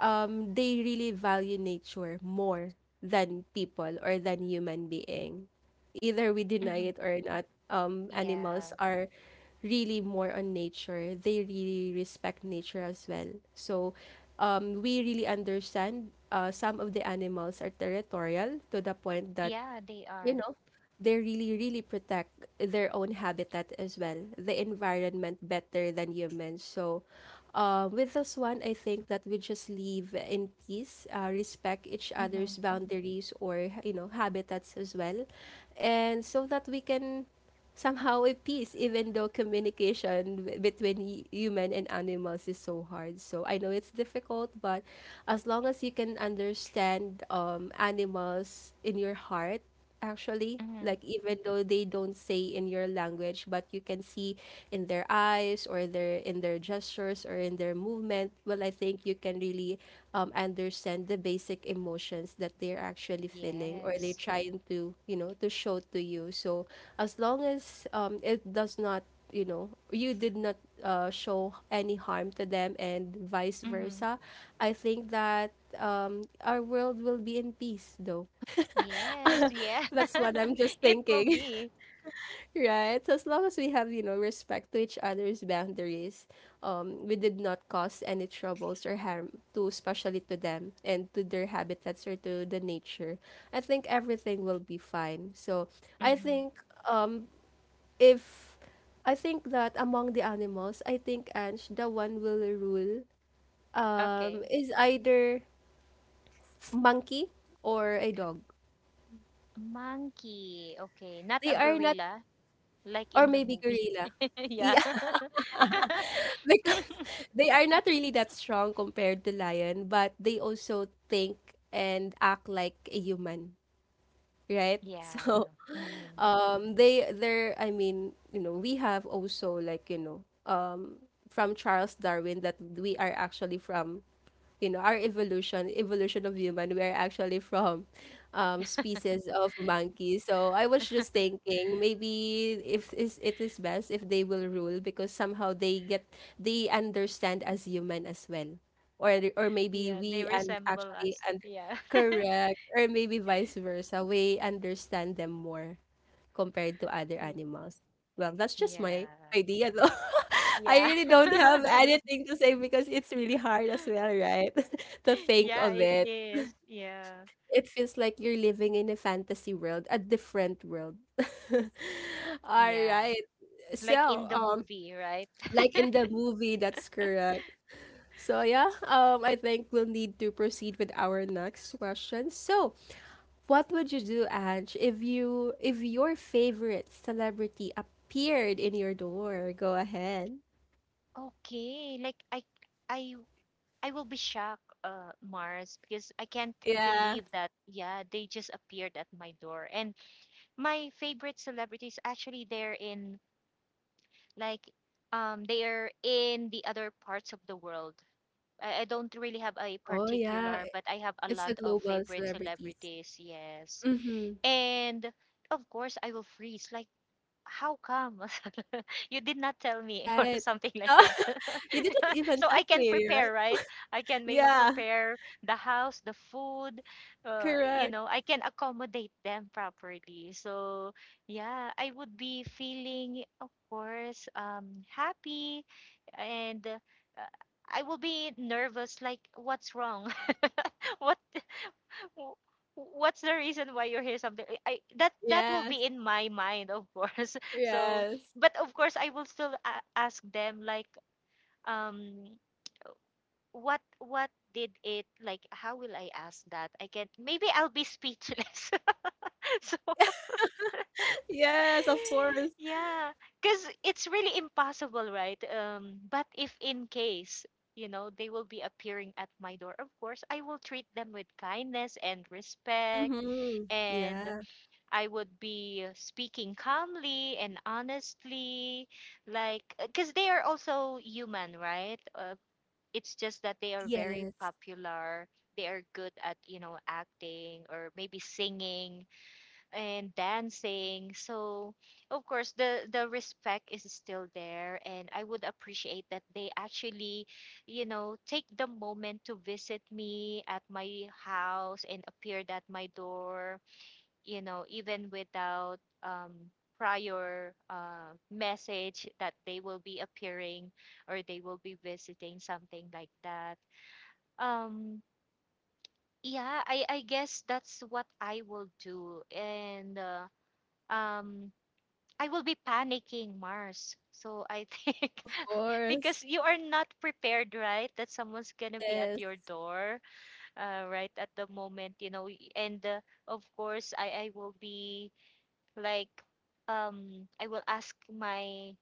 they really value nature more than people or than human being, either we deny Mm-hmm. it or not. Yeah. Animals are really more on nature, they really respect nature as well, so, we really understand, some of the animals are territorial, to the point that, Yeah, they you are. know, they really, really protect their own habitat as well, the environment better than humans. So, with this one, I think that we just live in peace, respect each Mm-hmm. other's boundaries, or, you know, habitats as well. And so that we can somehow a peace even though communication between human and animals is so hard. So I know it's difficult, but as long as you can understand animals in your heart, actually, Mm-hmm. like even though they don't say in your language, but you can see in their eyes or their in their gestures or in their movement. Well, I think you can really understand the basic emotions that they're actually feeling or they're Yes. trying to, you know, to show to you. So as long as it does not, you know, you did not show any harm to them and vice Mm-hmm. versa, I think that our world will be in peace though. Yes. Yeah. That's what I'm just (laughs) It will thinking, be. (laughs) right? So, as long as we have, you know, respect to each other's boundaries, we did not cause any troubles or harm to, especially to them and to their habitats or to the nature. I think everything will be fine. So I Mm-hmm. think, um, if I think that among the animals, I think, Ange, the one will rule, Okay. is either monkey or a dog. Monkey. Okay. Not They a are not, gorilla like or in the maybe movie. gorilla. (laughs) E, Yeah. (laughs) like (laughs) they are not really that strong compared to lion, but they also think and act like a human, right? (laughs) So Yeah. Mm-hmm. They are, I mean, you know, we have also, like, you know, from Charles Darwin that we are actually from, you know, our evolution of human. We are actually from species of monkeys. So I was just (laughs) thinking, maybe if is it is best if they will rule, because somehow they get, they understand as human as well. Or maybe Yeah, they we, and resemble actually, us. and Yeah. correct, or maybe vice versa, we understand them more compared to other (laughs) animals. Well, that's just my Yeah. idea though. (laughs) I Yeah. really don't have (laughs) anything to say because it's really hard as well, right? (laughs) to think Yeah, of it it. is. Yeah. It feels like you're living in a fantasy world, a different world. (laughs) All Yeah. right. Like So, in the movie, right? like in the (laughs) movie, that's correct. So yeah, I think we'll need to proceed with our next question. So, what would you do, Ange, if you if your favorite celebrity appeared in your door? Go ahead. Okay, like I I will be shocked, Mars, because I can't Yeah. believe that yeah, they just appeared at my door. And my favorite celebrities actually like they are in the other parts of the world. I don't really have a Oh yeah. particular, but I have a It's a lot of global favorite celebrities. celebrities, yes. Mm-hmm. And of course, I will freeze. Like, how come (laughs) you did not tell me (laughs) or Right. something like Oh, that? (laughs) you didn't (laughs) even So I text can me, right? prepare, right? I can maybe Yeah. prepare the house, the food, Correct. I can accommodate them properly. So, yeah, I would be feeling, of course, happy, and, I will be nervous like, what's wrong? (laughs) what w- what's the reason why you hear something I that that will be Yes. in my mind, of course? (laughs) So, Yes. but of course I will still ask them like, um what did it like, how will I ask that? I can maybe I'll be speechless. (laughs) So (laughs) Yes, of (laughs) course. yeah, because it's really impossible, right? But if in case, they will be appearing at my door, of course I will treat them with kindness and respect, Mm-hmm. and Yeah. I would be speaking calmly and honestly, like, because they are also human, right? It's just that they are very Yes. popular. They are good at, acting or maybe singing and dancing. So, of course, the respect is still there, and I would appreciate that they actually, take the moment to visit me at my house, and appeared at my door, even without prior message that they will be appearing, or they will be visiting, something like that. Um, yeah, I guess that's what I will do. And um, I will be panicking, Mars. So I think. (laughs) Of Because course. you are not prepared, right? That someone's gonna be at Yes. your door, right at the moment. And of course, I will be like um i will ask my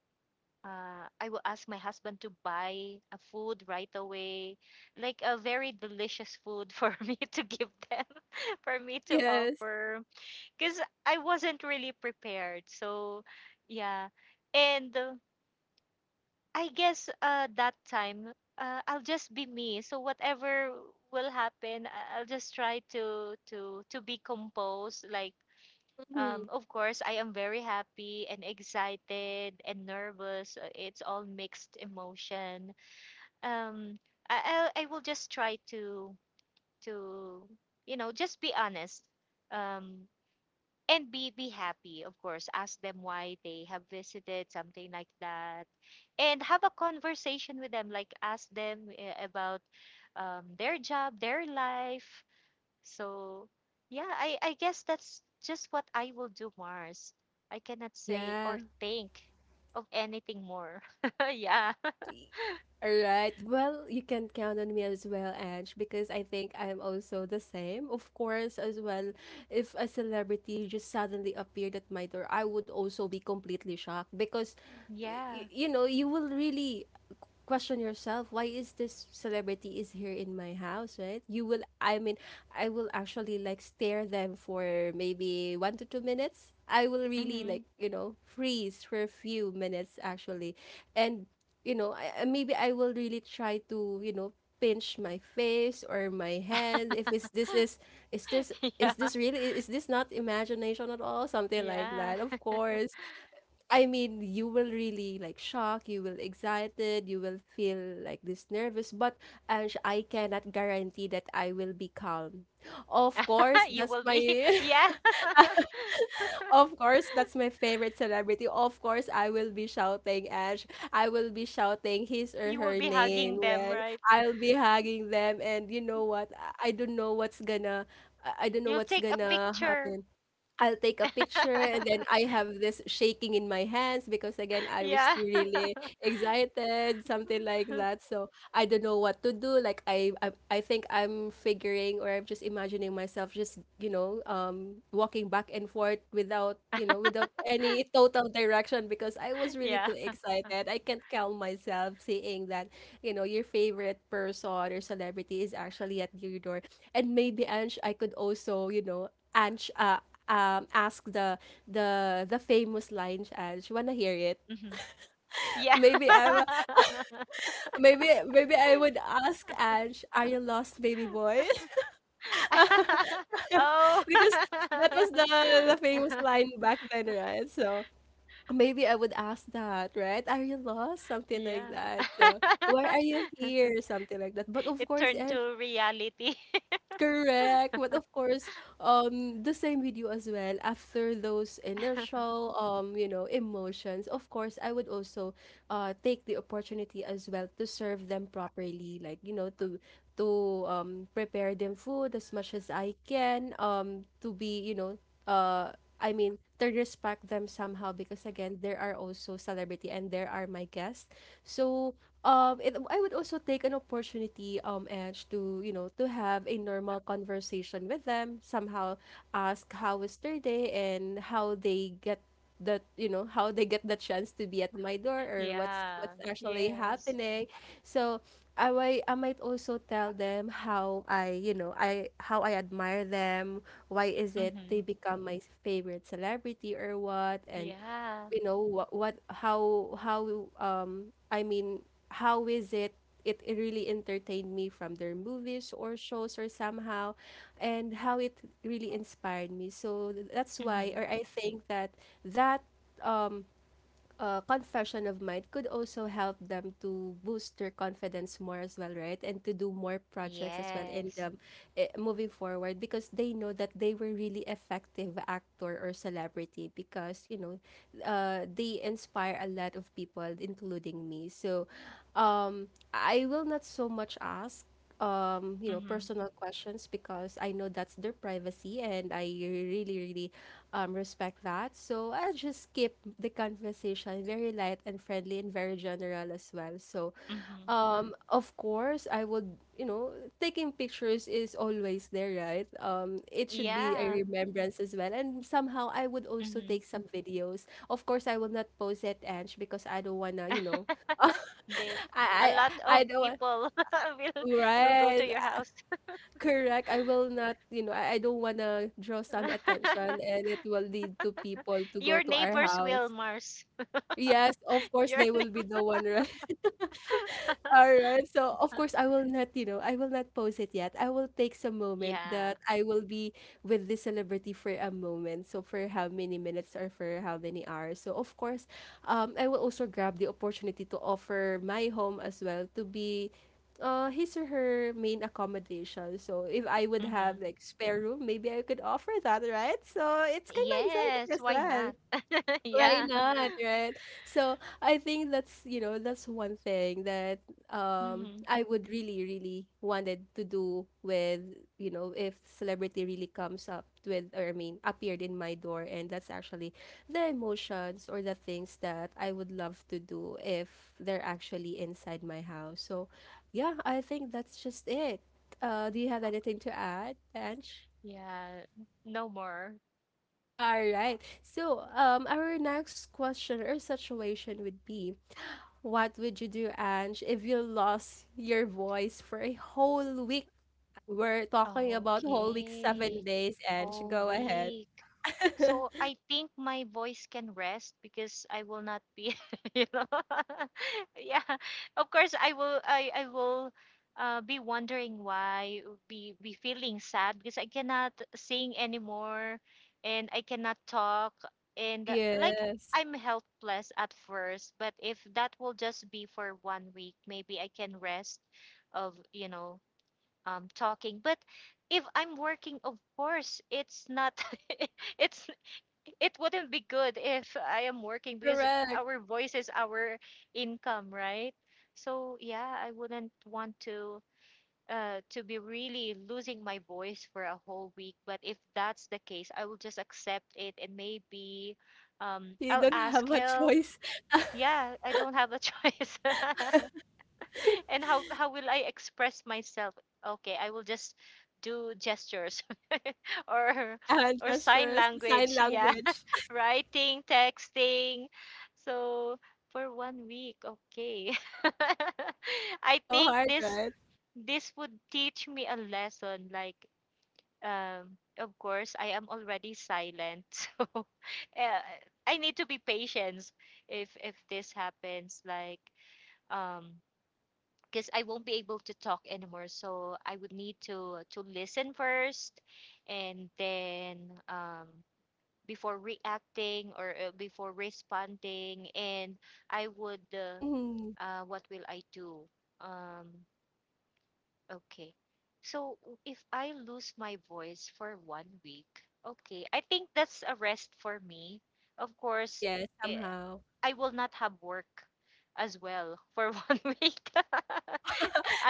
I will ask my husband to buy a food right away, like a very delicious food for (laughs) me to give them, (laughs) for me to Yes. offer, because I wasn't really prepared. So, yeah. And I guess that time, I'll just be me. So whatever will happen, I'll just try to be composed, like, Mm-hmm. Of course, I am very happy and excited and nervous. It's all mixed emotion. Um, I will just try to just be honest. Um, and be happy. Of course, ask them why they have visited, something like that, and have a conversation with them. Like ask them about, their job, their life. So, yeah, I guess that's just what I will do, Mars. I cannot say or Yeah. think of anything more. (laughs) Yeah. All right. Well, you can count on me as well, Ange, because I think I'm also the same. Of course, as well, if a celebrity just suddenly appeared at my door, I would also be completely shocked because, Yeah. you know, you will really question yourself, why is this celebrity is here in my house, right? You will, I mean, I will actually like stare them for maybe 1 to 2 minutes. I will really, Hmm. like, you know, freeze for a few minutes actually. And, you know, maybe I will really try to, you know, pinch my face or my hand if it's, (laughs) this is this is Yeah. this really, is this not imagination at all, something like Yeah. that. Of course, I mean, you will really like shocked, you will excited, you will feel like this nervous. But Ange, I cannot guarantee that I will be calm. Of course, (laughs) You that's will my be, (laughs) yeah. (laughs) of course, that's (laughs) my favorite celebrity. Of course, I will be shouting Ange. I will be shouting his or You will her be name, hugging them, right? right? I'll be hugging them and you know what? I don't know what's gonna I don't know You'll what's take a gonna picture. happen. I'll take a picture and then I (laughs) have this shaking in my hands because again I was Yeah. really (laughs) excited, something like that. So I don't know what to do. Like I think I'm figuring or I'm just imagining myself just, you know, walking back and forth without, you know, without any total direction because I was really Yeah. too excited. I can't calm myself seeing that, you know, your favorite person or celebrity is actually at your door. And maybe Ange, I could also, you know, Ange, ask the the famous line, Ange. Wanna hear it? Hmm. (laughs) Yeah. Maybe maybe I would ask (laughs) Ange, "Are you lost, baby boy?" (laughs) (laughs) because Oh. that was the famous line (laughs) back then, right? So maybe I would ask that, right? Are you lost? Something like Yeah. that. So why are (laughs) you here? Something like that. But of It course, turned to reality. correct. But of course, the same with you as well. After those (laughs) initial, you know, emotions, of course, I would also, take the opportunity as well to serve them properly. Like, you know, to to prepare them food as much as I can. To be, you know, I mean, to respect them somehow, because again, there are also celebrity and there are my guests. So it, I would also take an opportunity, Edge, to, you know, to have a normal conversation with them somehow. Ask how was their day and how they get, that, you know, how they get the chance to be at my door or what's Yeah. actually Yes. happening. So I might also tell them how I, you know, I how I admire them. Why is it they Mm-hmm. become my favorite celebrity or what? And Yeah. you know what, how I mean how is it, it really entertained me from their movies or shows or somehow, and how it really inspired me. So that's why, Mm-hmm. or I think that that um confession of mine could also help them to boost their confidence more as well, right? And to do more projects as well in Yes. Moving forward, because they know that they were really effective actor or celebrity, because, you know, they inspire a lot of people, including me. So um, I will not so much ask you know, Mm-hmm. personal questions because I know that's their privacy and I really, really respect that. So I'll just keep the conversation very light and friendly and very general as well. So, Mm-hmm. Of course, I would, you know, taking pictures is always there, right? It should be a Yeah. remembrance as well. And somehow I would also Mm-hmm. take some videos. Of course, I will not post it, Ange, because I don't wanna, you know, (laughs) They A lot I of don't want. people (laughs) will will go Right. to your house. Correct. I will not, you know, I don't want to draw some attention (laughs) and it will lead to people to go Your to our neighbors will, house. Mars. Yes, of (laughs) course, Your they will be the neighbor. one, right? Alright, so of course (laughs) I will not, you know, I will not post it yet. I will take some moment Yeah. that I will be with this celebrity for a moment. So for how many minutes or for how many hours. So of course, I will also grab the opportunity to offer my home as well to be his or her main accommodation. So if I would have Mm-hmm. like spare room, maybe I could offer that, right? So it's kind of exciting Yes, as why well. not? (laughs) Why Yeah. (laughs) not, right? So I think that's, you know, that's one thing that Hmm. I would really, really wanted to do with, you know, if celebrity really comes up with, or I mean appeared in my door. And that's actually the emotions or the things that I would love to do if they're actually inside my house. So yeah, I think that's just it. Uh, do you have anything to add, Ange? Yeah. No more. All right. So, our next question or situation would be, what would you do, Ange, if you lost your voice for a whole week? We're talking about whole week, seven Okay. days, Ange. Whole Go ahead. week. (laughs) So I think my voice can rest because I will not be, (laughs) you know. (laughs) Yeah, of course I will. I will be wondering why, be feeling sad because I cannot sing anymore, and I cannot talk, and like Yes, I'm helpless at first. But if that will just be for one week, maybe I can rest of talking. But if I'm working, of course it's not, (laughs) it's, it wouldn't be good if I am working because correct. our voice is our income, right? So yeah, I wouldn't want to be really losing my voice for a whole week, but if that's the case, I will just accept it, and maybe You I'll don't (laughs) ask have a help. choice. (laughs) Yeah, I don't have a (laughs) choice. (laughs) (laughs) And how will I express myself? Okay, I will just do gestures (laughs) or Yeah, hand or sign gestures, sign language. Yeah, language. (laughs) writing, texting. So for one week, okay. (laughs) I It's so think hard, this right? this would teach me a lesson. Like, of course, I am already silent, (laughs) so uh, I need to be patient if this happens. Like, um because I won't be able to talk anymore. So I would need to listen first, and then, um, before reacting, or before responding. And I would, Mm-hmm. What will I do? Um, okay. So if I lose my voice for one week, okay, I think that's a rest for me. Of course, Yeah, eh, somehow. I will not have work as well for (laughs) one week. (laughs)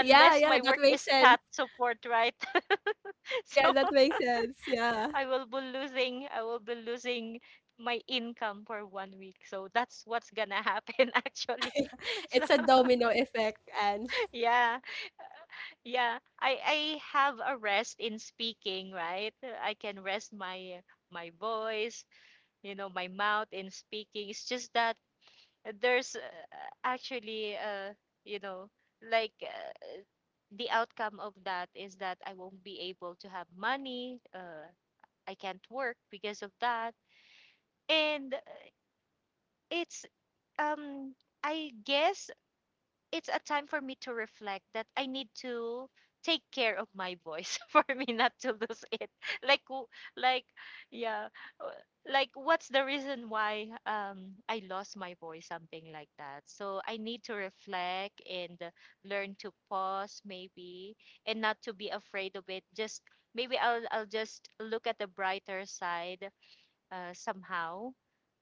Yeah, yeah, my that work makes is sense. chat support, right? (laughs) Yeah, So that makes sense. Yeah. I will be losing my income for one week. So that's what's gonna happen (laughs) actually. (laughs) (laughs) So It's a domino (laughs) effect, Ange. yeah, yeah. I have a rest in speaking, right? I can rest my my voice, you know, my mouth in speaking. It's just that there's actually, you know like, the outcome of that is that I won't be able to have money. I can't work because of that. And it's um I guess it's a time for me to reflect that I need to take care of my voice (laughs) for me not to lose it. (laughs) Like, like, yeah, uh, like, what's the reason why I lost my voice, something like that. So I need to reflect, and learn to pause, maybe, and not to be afraid of it. Just maybe I'll just look at the brighter side, somehow.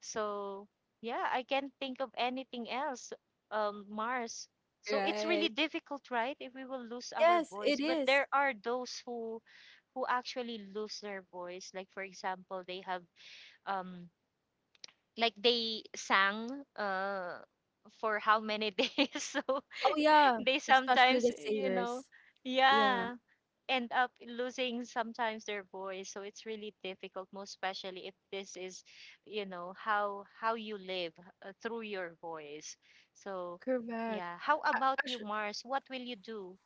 So yeah, I can't think of anything else. Mars. So it's really Right. difficult, right? If we will lose our Yes, it voice, but is. there are those who actually lose their voice. Like for example, they have um like they sang uh for how many (laughs) days? So Oh yeah, they especially sometimes, the you know, singers. Yeah, yeah, end up losing sometimes their voice. So it's really difficult, most especially if this is, you know, how you live through your voice. So correct. yeah, how about you, Actually, Mars? What will you do?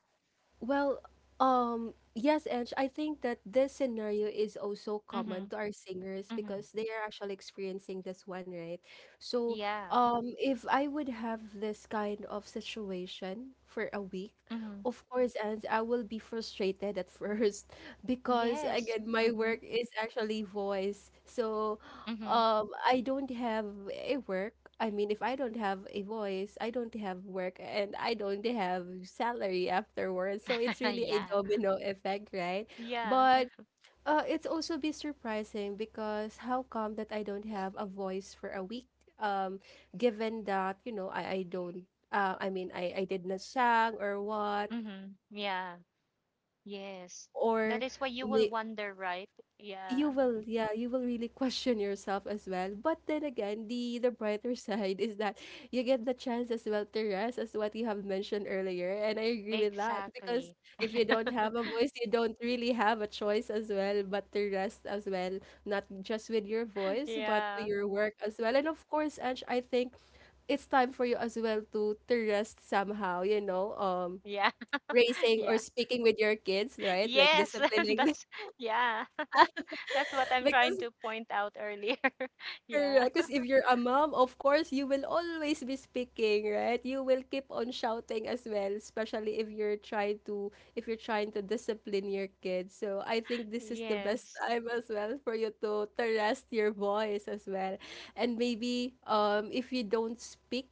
well, yes, Ange, I think that this scenario is also common Mhm. to our singers Mhm. because they are actually experiencing this one, right? So, Yeah. If I would have this kind of situation for a week, Mhm. of course, and I will be frustrated at first (laughs) because Yes. again, my Mhm. work is actually voice. So Mhm. I don't have a work. I mean, if I don't have a voice, I don't have work and I don't have salary afterwards. So it's (laughs) really a Yeah. domino effect, right? Yeah. But it's also be surprising because how come that I don't have a voice for a week? Um, given that, you know, I don't, I mean, I did not sang or what, Mhm. Yeah. Yes, that or is why you will may, wonder, right? you Yeah, will you will really question yourself as well. But then again, the brighter (laughs) side is that you get the chance as well to rest as what you have mentioned earlier, and I agree with that. exactly. Because if you don't (laughs) have a voice, you don't really have a choice as well but to rest as well, not just with your voice but to Yeah. your work as well. And of course, Ange, I think it's time for you as well to rest somehow, you know. Yeah. (laughs) Raising or Yeah. speaking with your kids, right? Like Yes, (laughs) disciplining them. that's, yeah. (laughs) That's what (laughs) I'm trying Because to point out earlier. (laughs) Yeah. correct. Because if (laughs) you're a mom, of course, you will always be speaking, right? You will keep on shouting as well, especially if you're trying to discipline your kids. So I think this is the best Yes. (laughs) time as well for you to rest your voice as well. And maybe if you don't speak,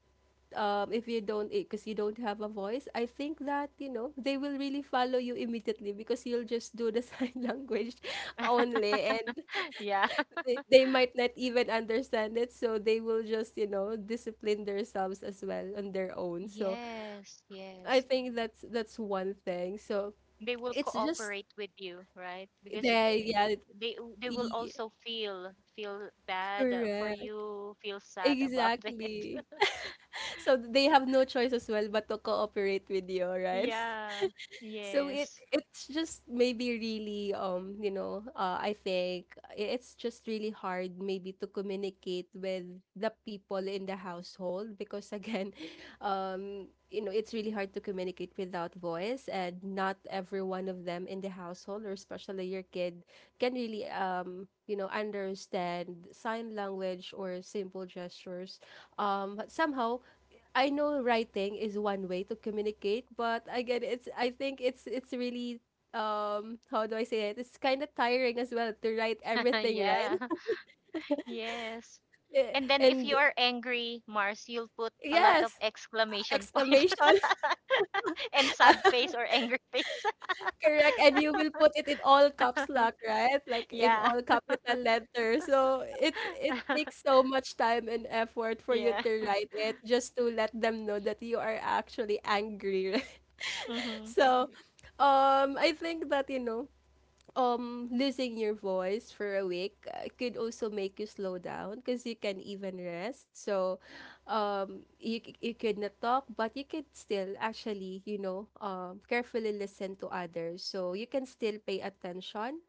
if you don't, because you don't have a voice, I think that, you know, they will really follow you immediately because you'll just do the (laughs) sign language (laughs) only. And Yeah. they might not even understand it, so they will just, you know, discipline themselves as well on their own. So Yes, I yes. think that's one thing. So They will it's just cooperate with you, right? Because they, yeah. they will e- also feel bad, for Correct, you, feel sad about (laughs) it. exactly. So they have no choice as well but to cooperate with you, right? Yeah. So Yes. it's just maybe really, you know, I think it's just really hard maybe to communicate with the people in the household because, again, (laughs) you know, it's really hard to communicate without voice. And not every one of them in the household, or especially your kid, can really, you know, understand sign language or simple gestures. But somehow, I know writing is one way to communicate, but again, it's I think it's really, how do I say it? It's kind of tiring as well to write (laughs) everything, right? Yeah. (laughs) Yes. Eh, And then if you And are angry, Mars, you'll put a lot of yes, exclamation point, exclamation, (laughs) (laughs) and sad face or angry face. correct. And you will put it in all caps (laughs) lock, right? Like in Yeah. all capital letters. So it takes (laughs) so much time and effort for you Yeah. to write it just to let them know that you are actually angry. (laughs) Mm-hmm. So, I think that, you know, losing your voice for a week could also make you slow down because you can even rest. So you, you could not talk, but you could still actually, you know, carefully listen to others, so you can still pay attention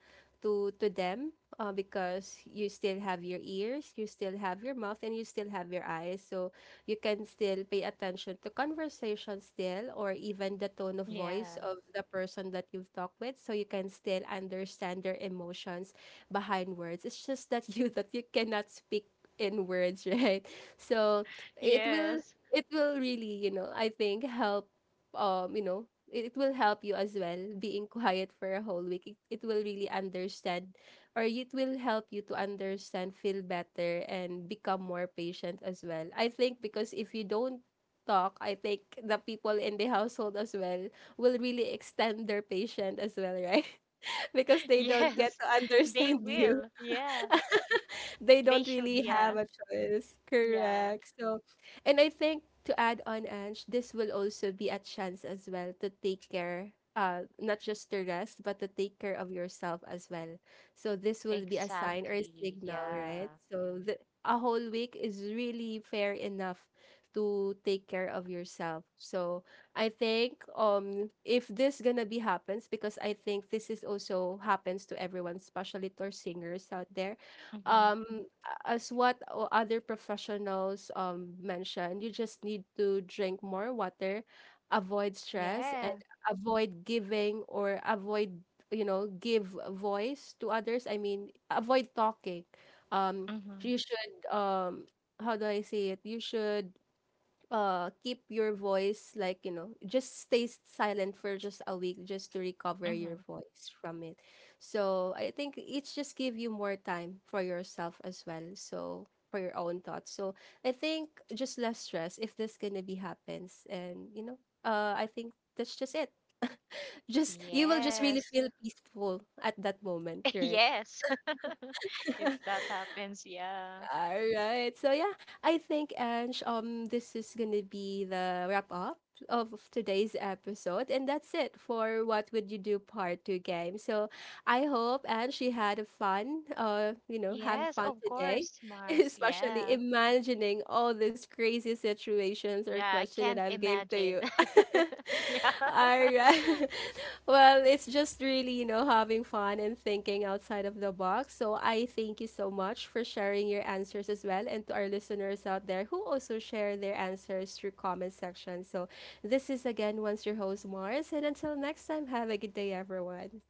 to them. Because you still have your ears, you still have your mouth, and you still have your eyes. So you can still pay attention to conversation still, or even the tone of voice Yeah. of the person that you've talked with, so you can still understand their emotions behind words. It's just that (laughs) you that you cannot speak in words, (laughs) right? So it will, Yes. (laughs) it will really, you know, I think help, you know, it will help you as well being (laughs) quiet for a whole week. It will really understand, or it will help you to understand, feel better, and become more patient as well. I think because if you don't talk, I think the people in the household as well will really extend their patience as well, right? (laughs) Because they don't get to Yes. (laughs) They understand you. will. Yeah. (laughs) They They don't should. really have Yeah. a choice. Yeah. Correct. So, and I think to add on, Ange, this will also be a chance as well to take care, not just to rest, but to take care of yourself as well. So this will be a sign or a Exactly. signal, right? Yeah. So the, a whole week is really fair enough to take care of yourself. So I think if this gonna be happens, because I think this is also happens to everyone, especially to our singers out there. Mm-hmm. um as what other professionals mentioned, you just need to drink more water, avoid stress, and Yeah. avoid giving or avoid, you know, give voice to others. I mean, avoid talking. Um, Mm-hmm. you should, how do I say it? You should keep your voice like, you know, just stay silent for just a week, just to recover your Mm-hmm. voice from it. So I think it's just give you more time for yourself as well, so for your own thoughts. So I think just less stress if this gonna be happens. And you know, I think that's just it. (laughs) Just you will just really Yes. feel peaceful at that moment, (laughs) right? Yes. (laughs) If that happens, yeah. All right. So yeah, I think Ange, this is gonna be the wrap up of today's episode, and that's it for what would you do part two game. So I hope Ange, you had a fun. You know, have Yes, fun of today. course, (laughs) Mars. Especially Yeah. imagining all these crazy situations or Yeah, I question that can't I've gave to imagine. you. (laughs) (laughs) Yeah. All right. (laughs) (laughs) Well, it's just really, you know, having fun and thinking outside of the box. So I thank you so much for sharing your answers as well, and to our listeners out there who also share their answers through comment section. So this is again once your host Mars, and until next time, have a good day everyone.